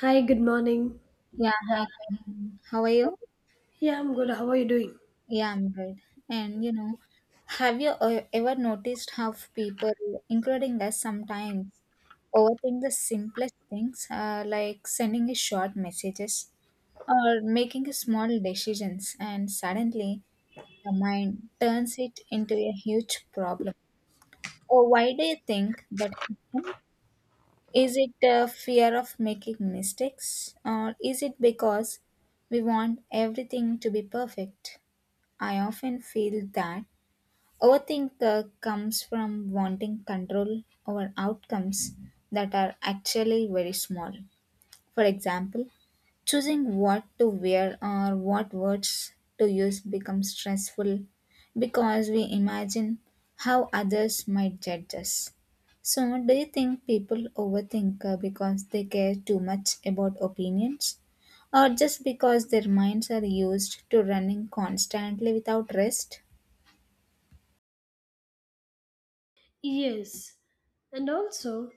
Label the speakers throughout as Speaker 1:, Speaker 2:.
Speaker 1: Hi, good morning.
Speaker 2: Yeah, hi. Mhm. How are you?
Speaker 1: Yeah, I'm good. How are you doing?
Speaker 2: Yeah, I'm good. And you know, have you ever noticed how people, including us sometimes, overthink the simplest things, like sending a short messages or making a small decisions, and suddenly the mind turns it into a huge problem. Or why do you think that happens? Is it a fear of making mistakes, or is it because we want everything to be perfect? I often feel that overthink comes from wanting control over outcomes that are actually very small. For example, choosing what to wear or what words to use becomes stressful because we imagine how others might judge us. So, do you think people overthink because they care too much about opinions or just because their minds are used to running constantly without rest?
Speaker 1: Yes. And also,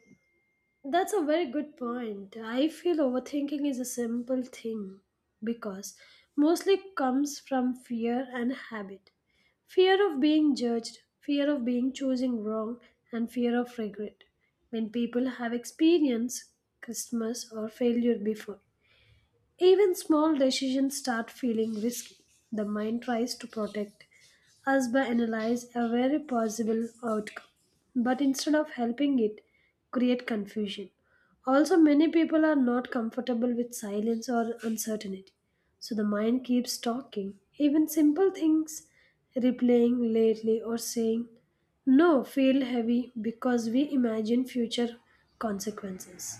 Speaker 1: that's a very good point. I feel overthinking is a simple thing because mostly comes from fear and habit. Fear of being judged, fear of being choosing wrong, and fear of regret. When people have experienced Christmas or failure before, even small decisions start feeling risky. The mind tries to protect us by analyze a very possible outcome, but instead of helping it, create confusion. Also, many people are not comfortable with silence or uncertainty, so the mind keeps talking. Even simple things, replaying lately or saying no, feel heavy because we imagine future consequences.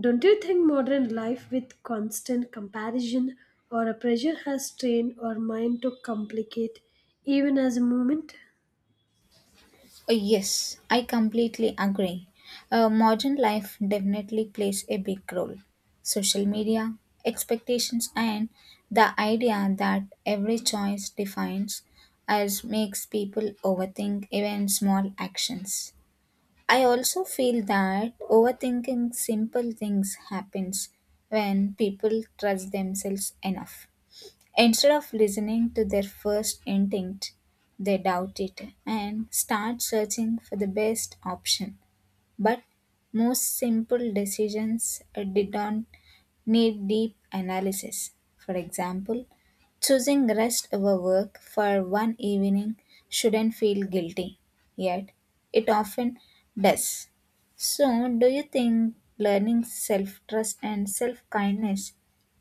Speaker 1: Don't you think modern life with constant comparison or a pressure has trained our mind to complicate even as a moment?
Speaker 2: Yes, I completely agree. Modern life definitely plays a big role. Social media, expectations, and the idea that every choice defines us makes people overthink even small actions. I also feel that overthinking simple things happens when people trust themselves enough. Instead of listening to their first instinct, they doubt it and start searching for the best option. But most simple decisions did not need deep analysis. For example, choosing rest over work for one evening shouldn't feel guilty, yet it often does. So, do you think learning self trust and self kindness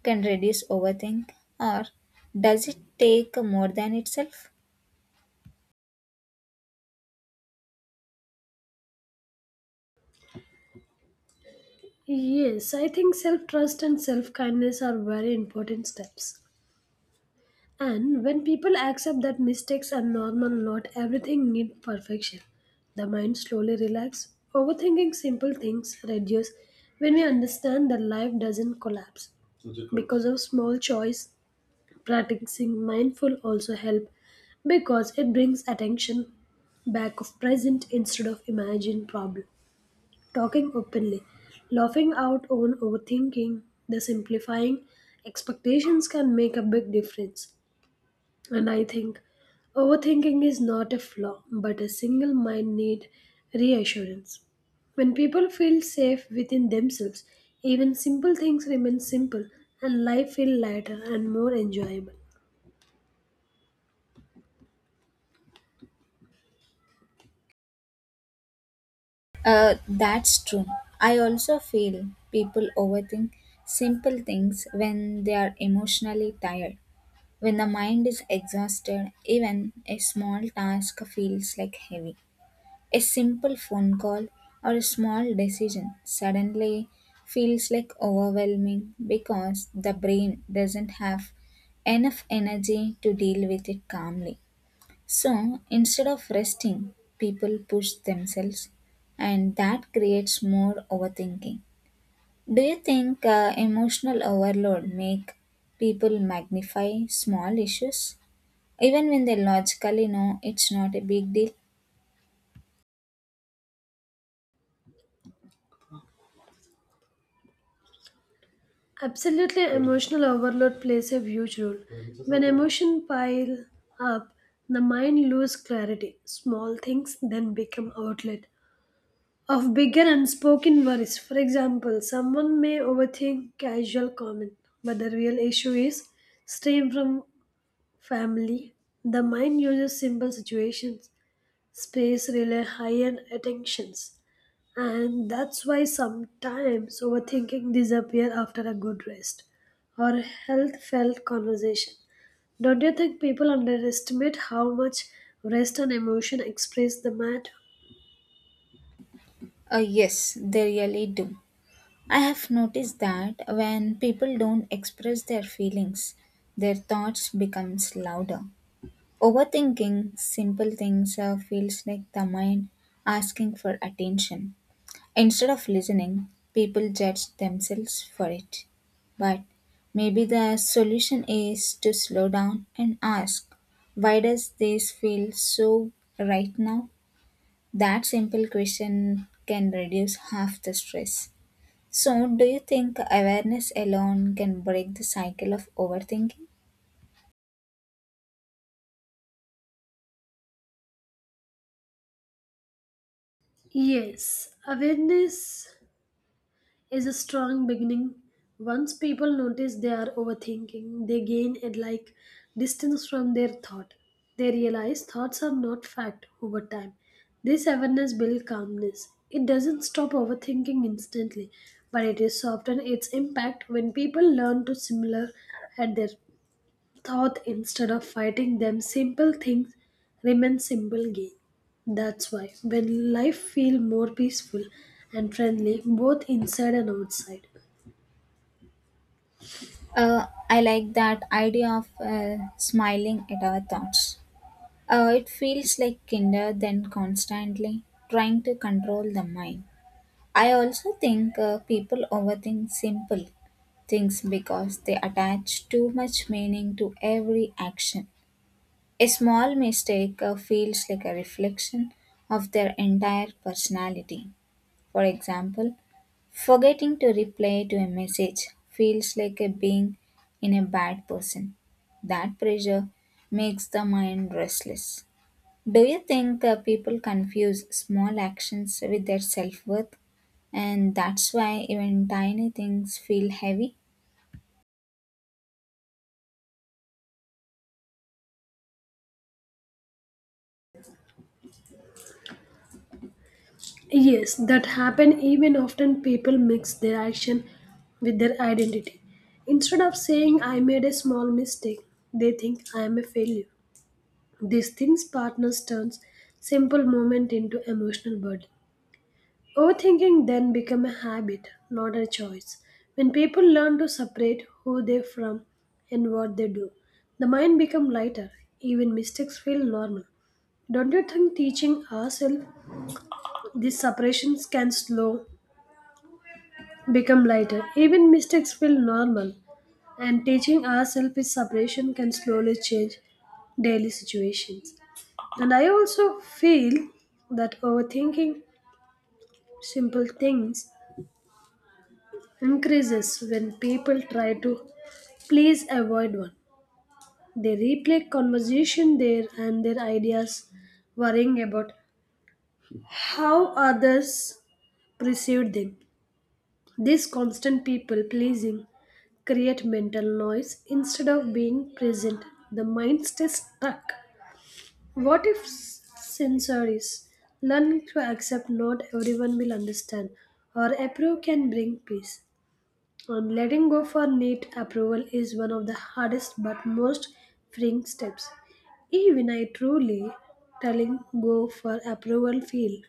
Speaker 2: can reduce overthink, or does it take more than itself?
Speaker 1: Yes, I think self trust and self kindness are very important steps. And when people accept that mistakes are normal, not everything needs perfection. The mind slowly relaxes. Overthinking simple things reduce when we understand that life doesn't collapse because of small choice practicing mindful also help because it brings attention back of present instead of imagined problem talking openly laughing out on overthinking the simplifying expectations can make a big difference and I think overthinking is not a flaw but a single mind need reassurance when people feel safe within themselves even simple things remain simple and life feel lighter and more enjoyable.
Speaker 2: That's true. I also feel people overthink simple things when they are emotionally tired. When the mind is exhausted, even a small task feels like heavy. A simple phone call or a small decision suddenly feels like overwhelming because the brain doesn't have enough energy to deal with it calmly. So instead of resting, people push themselves, and that creates more overthinking. Do you think emotional overload make people magnify small issues, even when they logically know it's not a big deal?
Speaker 1: Absolutely, emotional overload plays a huge role. When emotion pile up, the mind loses clarity. Small things then become outlet of bigger unspoken worries. For example, someone may overthink casual comment, but the real issue is strain from family. The mind uses simple situations space rely high on attentions, and that's why sometimes overthinking disappear after a good rest or a health felt conversation. Don't you think people underestimate how much rest and emotion express the matter?
Speaker 2: Yes, they really do. I have noticed that when people don't express their feelings, their thoughts becomes louder. Overthinking simple things feels like the mind asking for attention. Instead of listening, people judge themselves for it. But maybe the solution is to slow down and ask, why does this feel so right now? That simple question can reduce half the stress. So, do you think awareness alone can break the cycle of overthinking?
Speaker 1: Yes, awareness is a strong beginning. Once people notice they are overthinking, they gain a like distance from their thought. They realize thoughts are not fact over time. This awareness builds calmness. It doesn't stop overthinking instantly, but it is soften its impact when people learn to similar at their thought instead of fighting them simple things remain simple gain that's why when life feel more peaceful and friendly both inside and outside
Speaker 2: I like that idea of smiling at our thoughts. It feels like kinder than constantly trying to control the mind. I also think people overthink simple things because they attach too much meaning to every action. A small mistake feels like a reflection of their entire personality. For example, forgetting to reply to a message feels like a being in a bad person. That pressure makes the mind restless. Do you think people confuse small actions with their self worth? And that's why even tiny things feel heavy?
Speaker 1: yes that happen even often people mix their action with their identity instead of saying I made a small mistake they think I am a failure these things partners turns simple moment into emotional burden. Overthinking then become a habit, not a choice. When people learn to separate who they from and what they do, the mind become lighter. Even mistakes feel normal. Don't you think teaching ourselves these separations can slow become lighter? Even mistakes feel normal, and teaching ourselves this separation can slowly change daily situations. And I also feel that overthinking simple things increases when people try to please avoid one. They replay conversation there and their ideas, worrying about how others perceived them. This constant people pleasing create mental noise instead of being present. The mind stays stuck. What if sensories learning to accept not everyone will understand or approve can bring peace? Letting go for NEET approval is one of the hardest but most freeing steps. Even I truly telling go for approval feel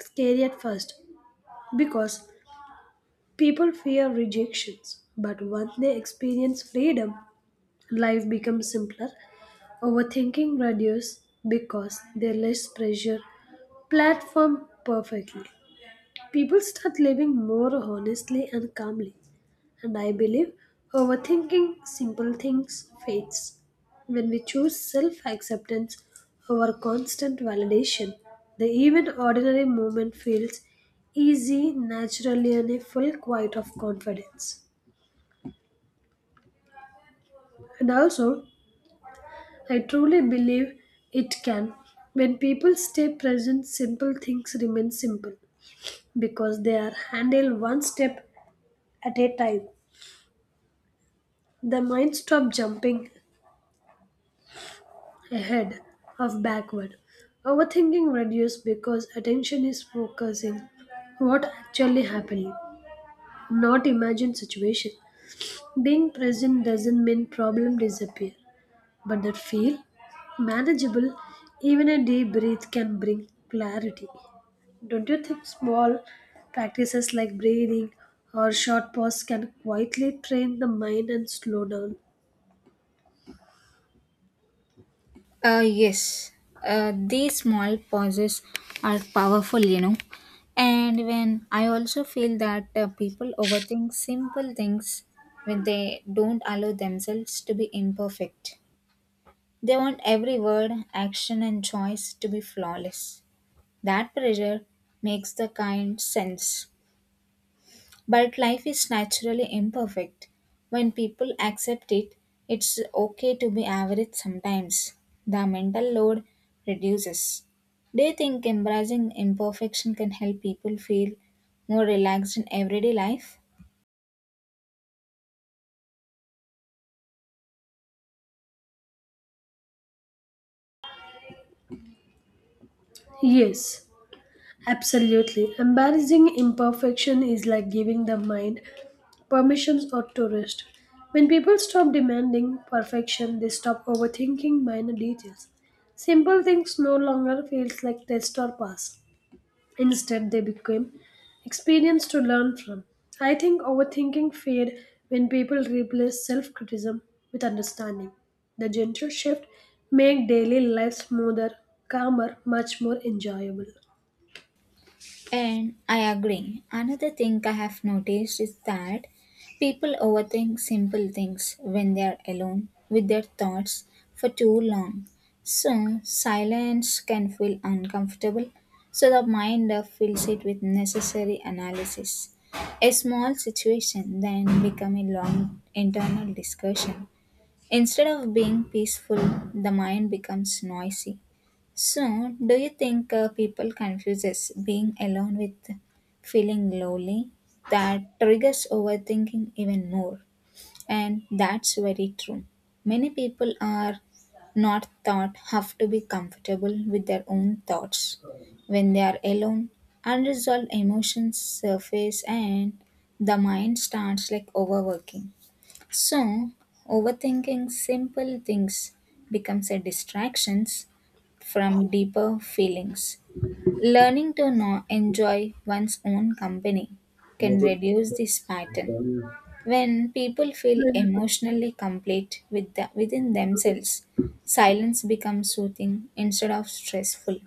Speaker 1: scary at first because people fear rejections. But once they experience freedom, life becomes simpler. Overthinking reduces because they less pressure platform perfectly. People start living more honestly and calmly. And I believe overthinking simple things fades. When we choose self acceptance over constant validation, the even ordinary moment feels easy, naturally, and a full quiet of confidence. And also, I truly believe it can. When people stay present, simple things remain simple because they are handled one step at a time. The mind stops jumping ahead of backward. Overthinking reduces because attention is focusing what actually happening, not imagined situation. Being present doesn't mean problem disappear, but that feel manageable. Even a deep breath can bring clarity. Don't you think small practices like breathing or short pause can quietly train the mind and slow down?
Speaker 2: Yes, these small pauses are powerful, you know. And when I also feel that people overthink simple things when they don't allow themselves to be imperfect, they want every word, action, and choice to be flawless. That pressure makes the kind sense. But life is naturally imperfect. When people accept it, it's okay to be average sometimes. The mental load reduces. Do you think embracing imperfection can help people feel more relaxed in everyday life?
Speaker 1: Yes, absolutely. Embarrassing imperfection is like giving the mind permissions or to rest. When people stop demanding perfection, they stop overthinking minor details. Simple things no longer feels like test or pass. Instead, they become experience to learn from. I think overthinking fade when people replace self-criticism with understanding. The gentle shift make daily life smoother, calmer, much more enjoyable.
Speaker 2: And I agree. Another thing I have noticed is that people overthink simple things when they are alone with their thoughts for too long. So, silence can feel uncomfortable, so the mind fills it with necessary analysis. A small situation then become a long internal discussion. Instead of being peaceful, the mind becomes noisy. So, do you think people confuses being alone with feeling lonely? That triggers overthinking even more, and that's very true. Many people are not thought have to be comfortable with their own thoughts. When they are alone, unresolved emotions surface, and the mind starts like overworking. So, overthinking simple things becomes a distraction from deeper feelings. Learning to enjoy one's own company can
Speaker 1: Motor.
Speaker 2: reduce this pattern. When people feel emotionally complete with within themselves, silence becomes soothing instead of stressful.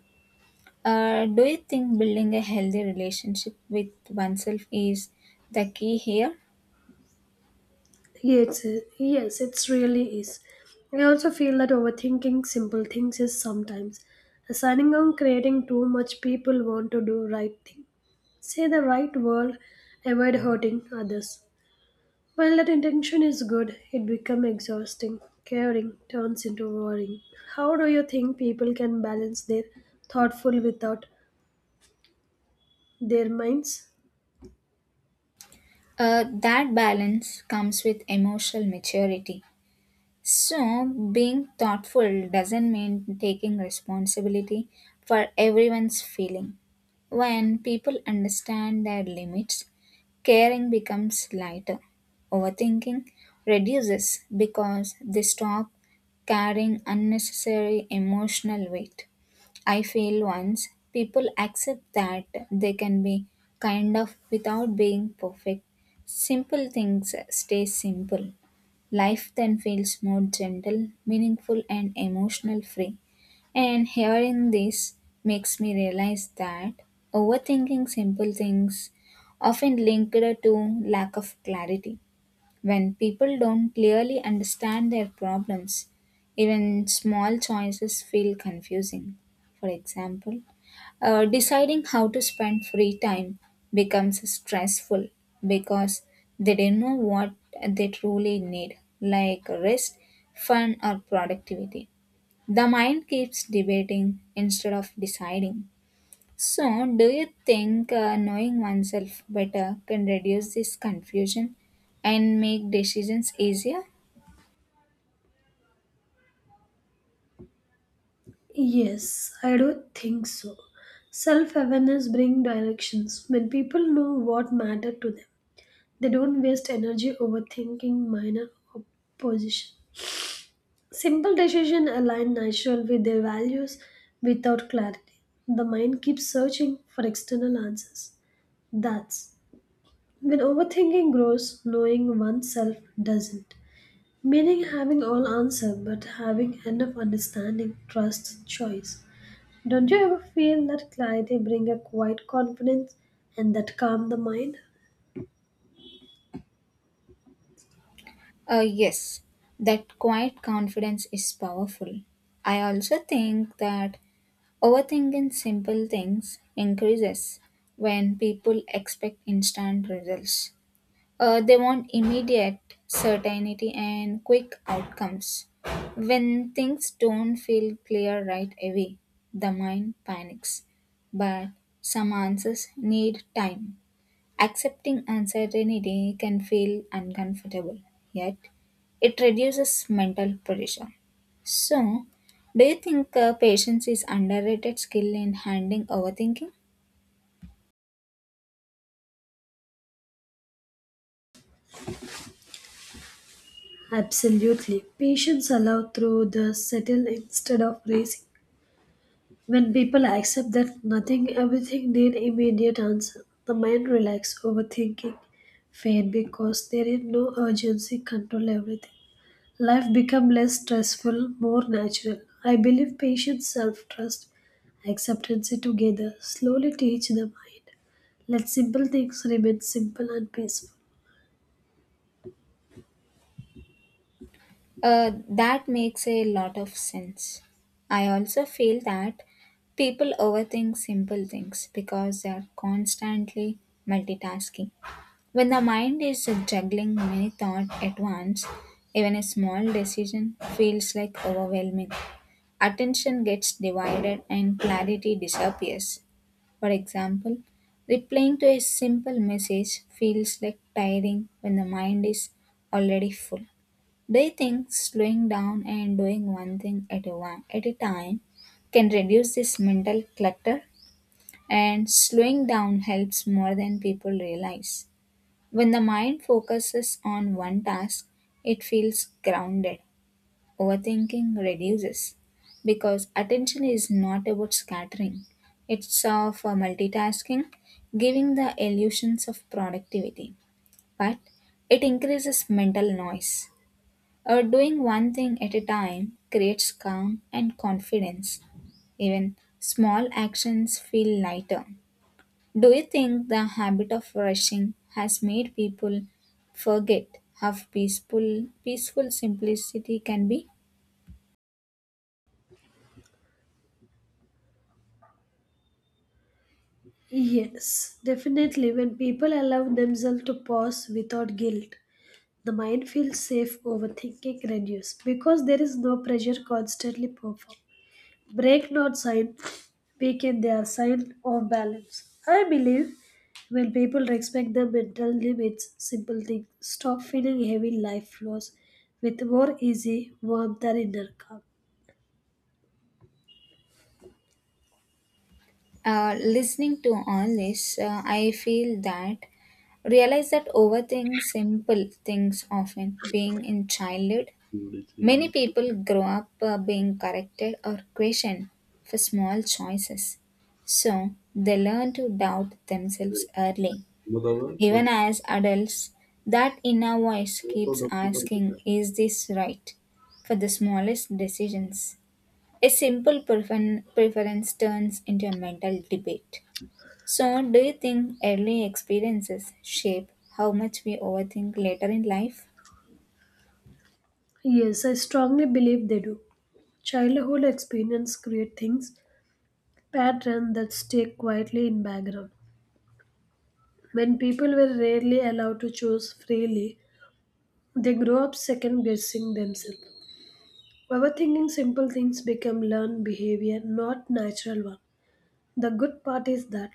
Speaker 2: Do you think building a healthy relationship with oneself is the key here?
Speaker 1: Yes, yes, it really is. I also feel that overthinking simple things is sometimes assigning on creating too much people want to do right thing. Say the right word, avoid hurting others. While that intention is good, it becomes exhausting. Caring turns into worrying. How do you think people can balance their thoughtful without their minds?
Speaker 2: That balance comes with emotional maturity. So, being thoughtful doesn't mean taking responsibility for everyone's feeling. When people understand their limits, caring becomes lighter. Overthinking reduces because they stop carrying unnecessary emotional weight. I feel once people accept that they can be kind of without being perfect, simple things stay simple. Life then feels more gentle, meaningful, and emotional free. And hearing this makes me realize that overthinking simple things often linked to lack of clarity. When people don't clearly understand their problems, even small choices feel confusing. For example, deciding how to spend free time becomes stressful because they don't know what they truly need, like rest, fun, or productivity. The mind keeps debating instead of deciding. So, do you think knowing oneself better can reduce this confusion and make decisions easier?
Speaker 1: Yes, I do think so. Self awareness brings directions. When people know what matters to them, they don't waste energy overthinking minor opposition. Simple decisions align naturally with their values without clarity. The mind keeps searching for external answers. That's when overthinking grows, knowing oneself doesn't. Meaning having all answer but having enough understanding, trust, choice. Don't you ever feel that clarity bring a quiet confidence and that calm the mind?
Speaker 2: Yes, that quiet confidence is powerful. I also think that overthinking simple things increases when people expect instant results. They want immediate certainty and quick outcomes. When things don't feel clear right away, the mind panics. But some answers need time. Accepting uncertainty can feel uncomfortable, yet, it reduces mental pressure. So, do you think patience is underrated skill in handling overthinking?
Speaker 1: Absolutely. Patience allow through the settle instead of racing. When people accept that nothing everything need immediate answer, the mind relax overthinking fade because there is no urgency control everything. Life become less stressful, more natural. I believe patience, self trust, acceptance together slowly teach the mind. Let simple things remain simple and peaceful.
Speaker 2: That makes a lot of sense. I also feel that people overthink simple things because they are constantly multitasking. When the mind is juggling many thoughts at once, even a small decision feels like overwhelming. Attention gets divided and clarity disappears. For example, replying to a simple message feels like tiring when the mind is already full. Do you think slowing down and doing one thing at at a time can reduce this mental clutter? And slowing down helps more than people realize. When the mind focuses on one task, it feels grounded. Overthinking reduces because attention is not about scattering, it's of multitasking, giving the illusions of productivity, but it increases mental noise. Or doing one thing at a time creates calm and confidence. Even small actions feel lighter. Do you think the habit of rushing has made people forget how peaceful simplicity can be?
Speaker 1: Yes, definitely. When people allow themselves to pause without guilt, the mind feels safe, overthinking reduced because there is no pressure constantly performed. Break not sign weaken their sign of balance. I believe when people respect their mental limits, simple things stop feeling heavy life flaws with more easy warmth and inner calm.
Speaker 2: Listening to all this, I feel that realize that overthink simple things often being in childhood. Many people grow up being corrected or questioned for small choices, so they learn to doubt themselves early. Even as adults, that inner voice keeps asking, is this right? For the smallest decisions. A preference turns into a mental debate. So, do you think early experiences shape how much we overthink later in life?
Speaker 1: Yes, I strongly believe they do. Childhood experience create things, patterns that stay quietly in background. When people were rarely allowed to choose freely, they grow up second guessing themselves. Overthinking simple things become learned behavior, not natural one. The good part is that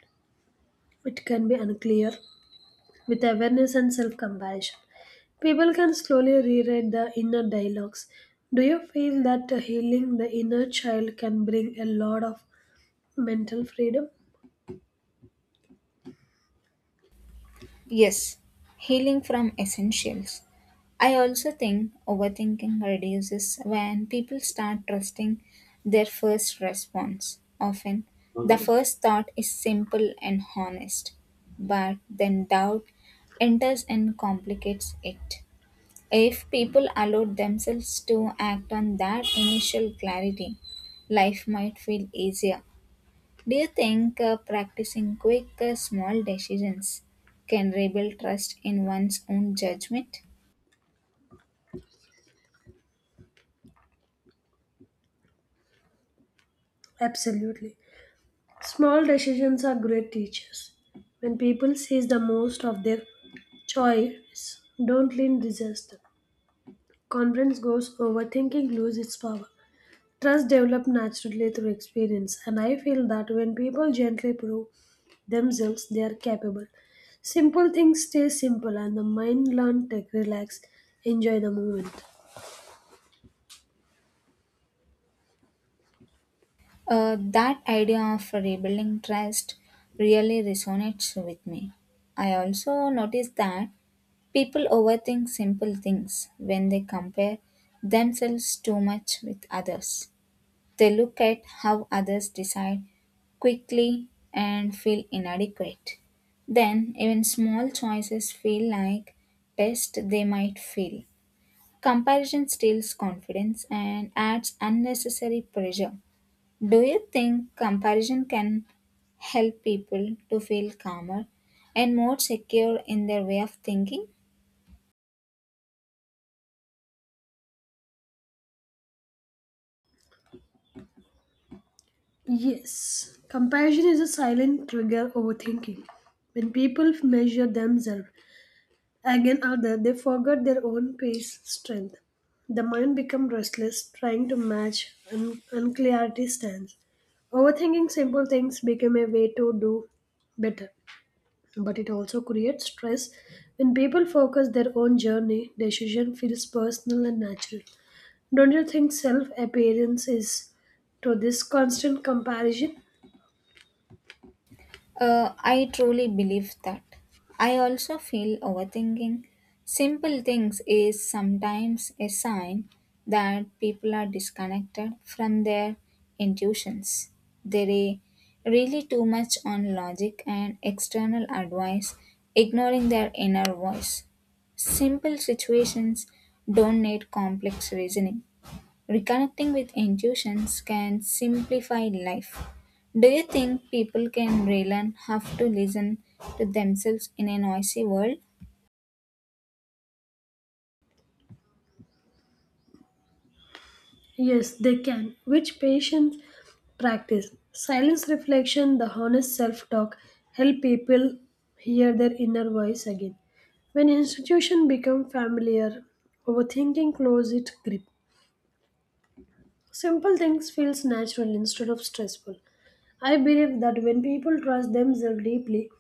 Speaker 1: it can be unclear with awareness and self comparison. People can slowly rewrite the inner dialogues. Do you feel that healing the inner child can bring a lot of mental freedom?
Speaker 2: Yes, healing from essentials. I also think overthinking reduces when people start trusting their first response. Often, the
Speaker 1: Mother?
Speaker 2: first thought is simple and honest, but then doubt enters and complicates it. If people allowed themselves to act on that initial clarity, life might feel easier. Do you think practicing quick, small decisions can rebuild trust in one's own judgment?
Speaker 1: Absolutely. Small decisions are great teachers. When people seize the most of their choice, don't lean resist them. Confidence goes overthinking loses its power. Trust develops naturally through experience, and I feel that when people gently prove themselves they are capable. Simple things stay simple and the mind learn, take relax, enjoy the moment.
Speaker 2: That idea of rebuilding trust really resonates with me. I also noticed that people overthink simple things when they compare themselves too much with others. They look at how others decide quickly and feel inadequate. Then, even small choices feel like tests they might fail. Comparison steals confidence and adds unnecessary pressure. Do you think comparison can help people to feel calmer and more secure in their way of thinking?
Speaker 1: Yes, compassion is a silent trigger overthinking. When people measure themselves again, other they forgot their own pace, strength. The mind become restless, trying to match unclarity stands. Overthinking simple things became a way to do better, but it also creates stress. When people focus their own journey, decision feels personal and natural. Don't you think self appearance is to this constant comparison?
Speaker 2: I truly believe that. I also feel overthinking. Simple things is sometimes a sign that people are disconnected from their intuitions. They really too much on logic and external advice, ignoring their inner voice. Simple situations don't need complex reasoning. Reconnecting with intuitions can simplify life. Do you think people can relearn how to listen to themselves in a noisy world?
Speaker 1: Yes, they can. Which patients practice? Silence reflection, the honest self talk, help people hear their inner voice again. When institution become familiar, overthinking close its grip. Simple things feels natural instead of stressful. I believe that when people trust themselves deeply,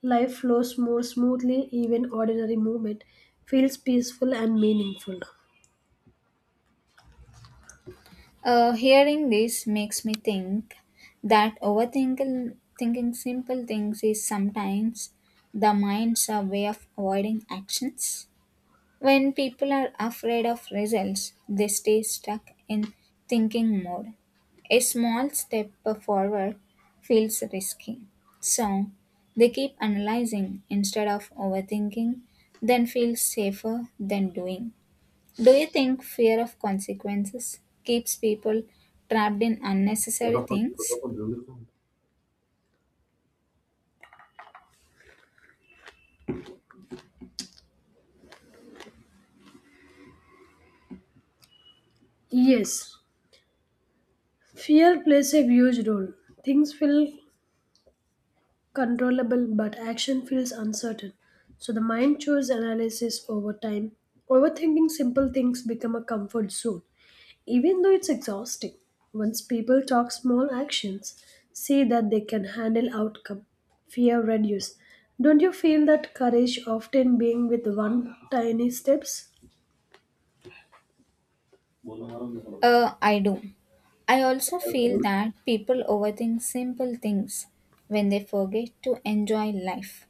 Speaker 1: life flows more smoothly, even ordinary movement feels peaceful and meaningful.
Speaker 2: Hearing this makes me think that overthinking thinking simple things is sometimes the mind's a way of avoiding actions. When people are afraid of results, they stay stuck in thinking mode. A small step forward feels risky. So, they keep analyzing instead of overthinking, then feel safer than doing. Do you think fear of consequences keeps people trapped in unnecessary things?
Speaker 1: Yes, fear plays a huge role. Things feel controllable, but action feels uncertain. So the mind chooses analysis over time. Overthinking simple things become a comfort zone, even though it's exhausting. Once people talk small actions, see that they can handle outcome, fear reduce. Don't you feel that courage often being with one tiny steps?
Speaker 2: I do. I also feel that people overthink simple things when they forget to enjoy life.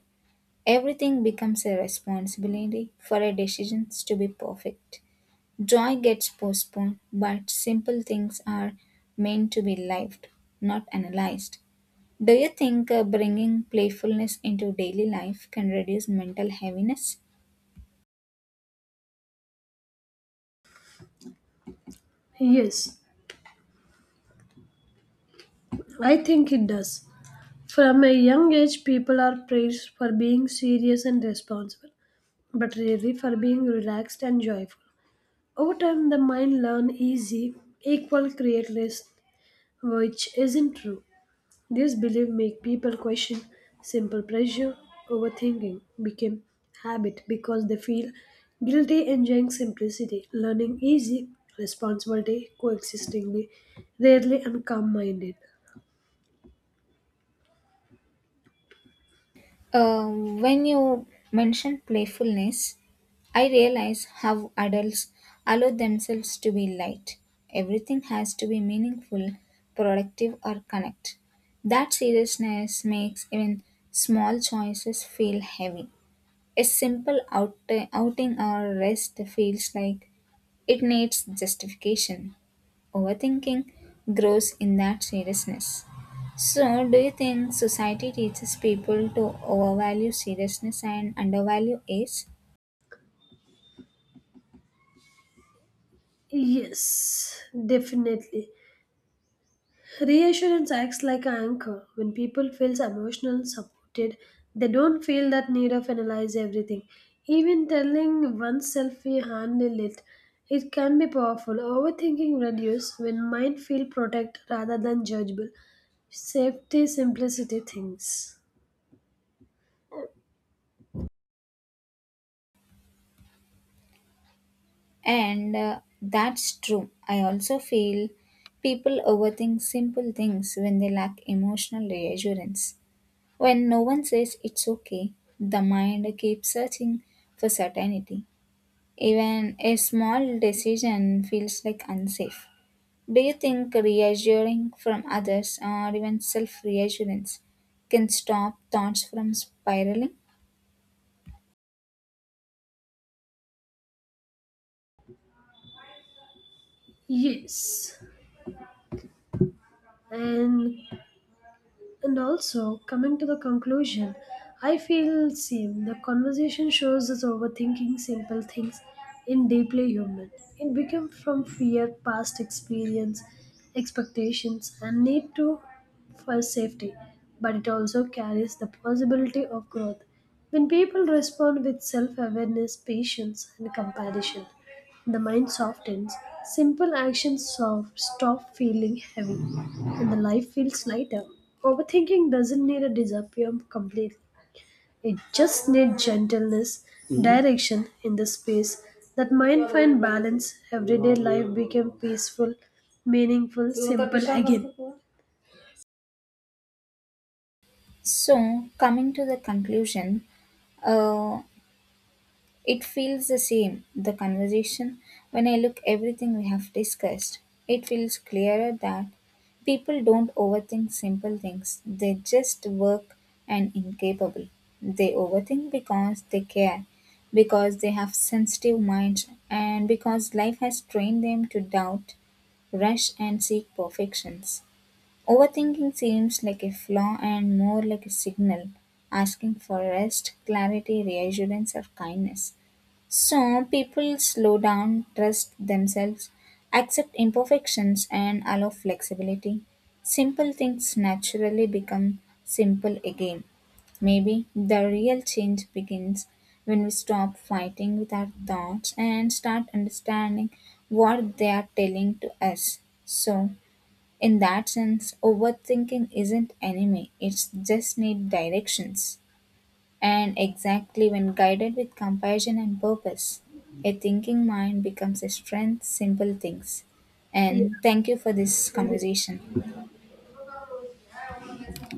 Speaker 2: Everything becomes a responsibility for our decisions to be perfect. Joy gets postponed, but simple things are meant to be lived, not analyzed. Do you think bringing playfulness into daily life can reduce mental heaviness?
Speaker 1: Yes, I think it does. From a young age, people are praised for being serious and responsible, but rarely for being relaxed and joyful. Over time, the mind learns easy, equal, creatless, which isn't true. This belief make people question simple pleasure. Overthinking became habit because they feel guilty enjoying simplicity, learning easy, responsibility, coexistingly, rarely and calm-minded.
Speaker 2: When you mention playfulness, I realize how adults allow themselves to be light. Everything has to be meaningful, productive, or connect. That seriousness makes even small choices feel heavy. A outing or rest feels like it needs justification overthinking grows in that seriousness. So, do you think society teaches people to overvalue seriousness and undervalue age?
Speaker 1: Yes, definitely. Reassurance acts like an anchor. When people feel emotional supported, they don't feel that need of analyze everything. Even telling oneself we handle it, it can be powerful. Overthinking reduce when mind feel protect rather than judgeable. Safety simplicity things.
Speaker 2: And that's true. I also feel people overthink simple things when they lack emotional reassurance. When no one says it's okay, the mind keeps searching for certainty. Even a small decision feels like unsafe. Do you think reassuring from others or even self reassurance can stop thoughts from spiraling?
Speaker 1: Yes. And And also, coming to the conclusion, I feel same. The conversation shows us overthinking simple things in deeply human. It becomes from fear, past experience, expectations, and need to for safety. But it also carries the possibility of growth when people respond with self awareness, patience, and compassion. The mind softens, simple actions soft, stop feeling heavy, and the life feels lighter. Overthinking doesn't need to disappear completely. It just needs gentleness, direction in the space. That mind find balance, everyday life became peaceful, meaningful, simple again.
Speaker 2: So, coming to the conclusion, uh, it feels the same, the conversation. When I look everything we have discussed, it feels clearer that people don't overthink simple things. They just work and incapable. They overthink because they care, because they have sensitive minds and because life has trained them to doubt, rush and seek perfections. Overthinking seems like a flaw and more like a signal asking for rest, clarity, reassurance or kindness. So people slow down, trust themselves, accept imperfections, and allow flexibility. Simple things naturally become simple again. Maybe the real change begins when we stop fighting with our thoughts and start understanding what they are telling to us. So, in that sense, overthinking isn't enemy, it's just need directions. And exactly when guided with compassion and purpose, a thinking mind becomes a strength, simple things.
Speaker 1: Yeah,
Speaker 2: And thank you for this
Speaker 1: thank you.
Speaker 2: conversation.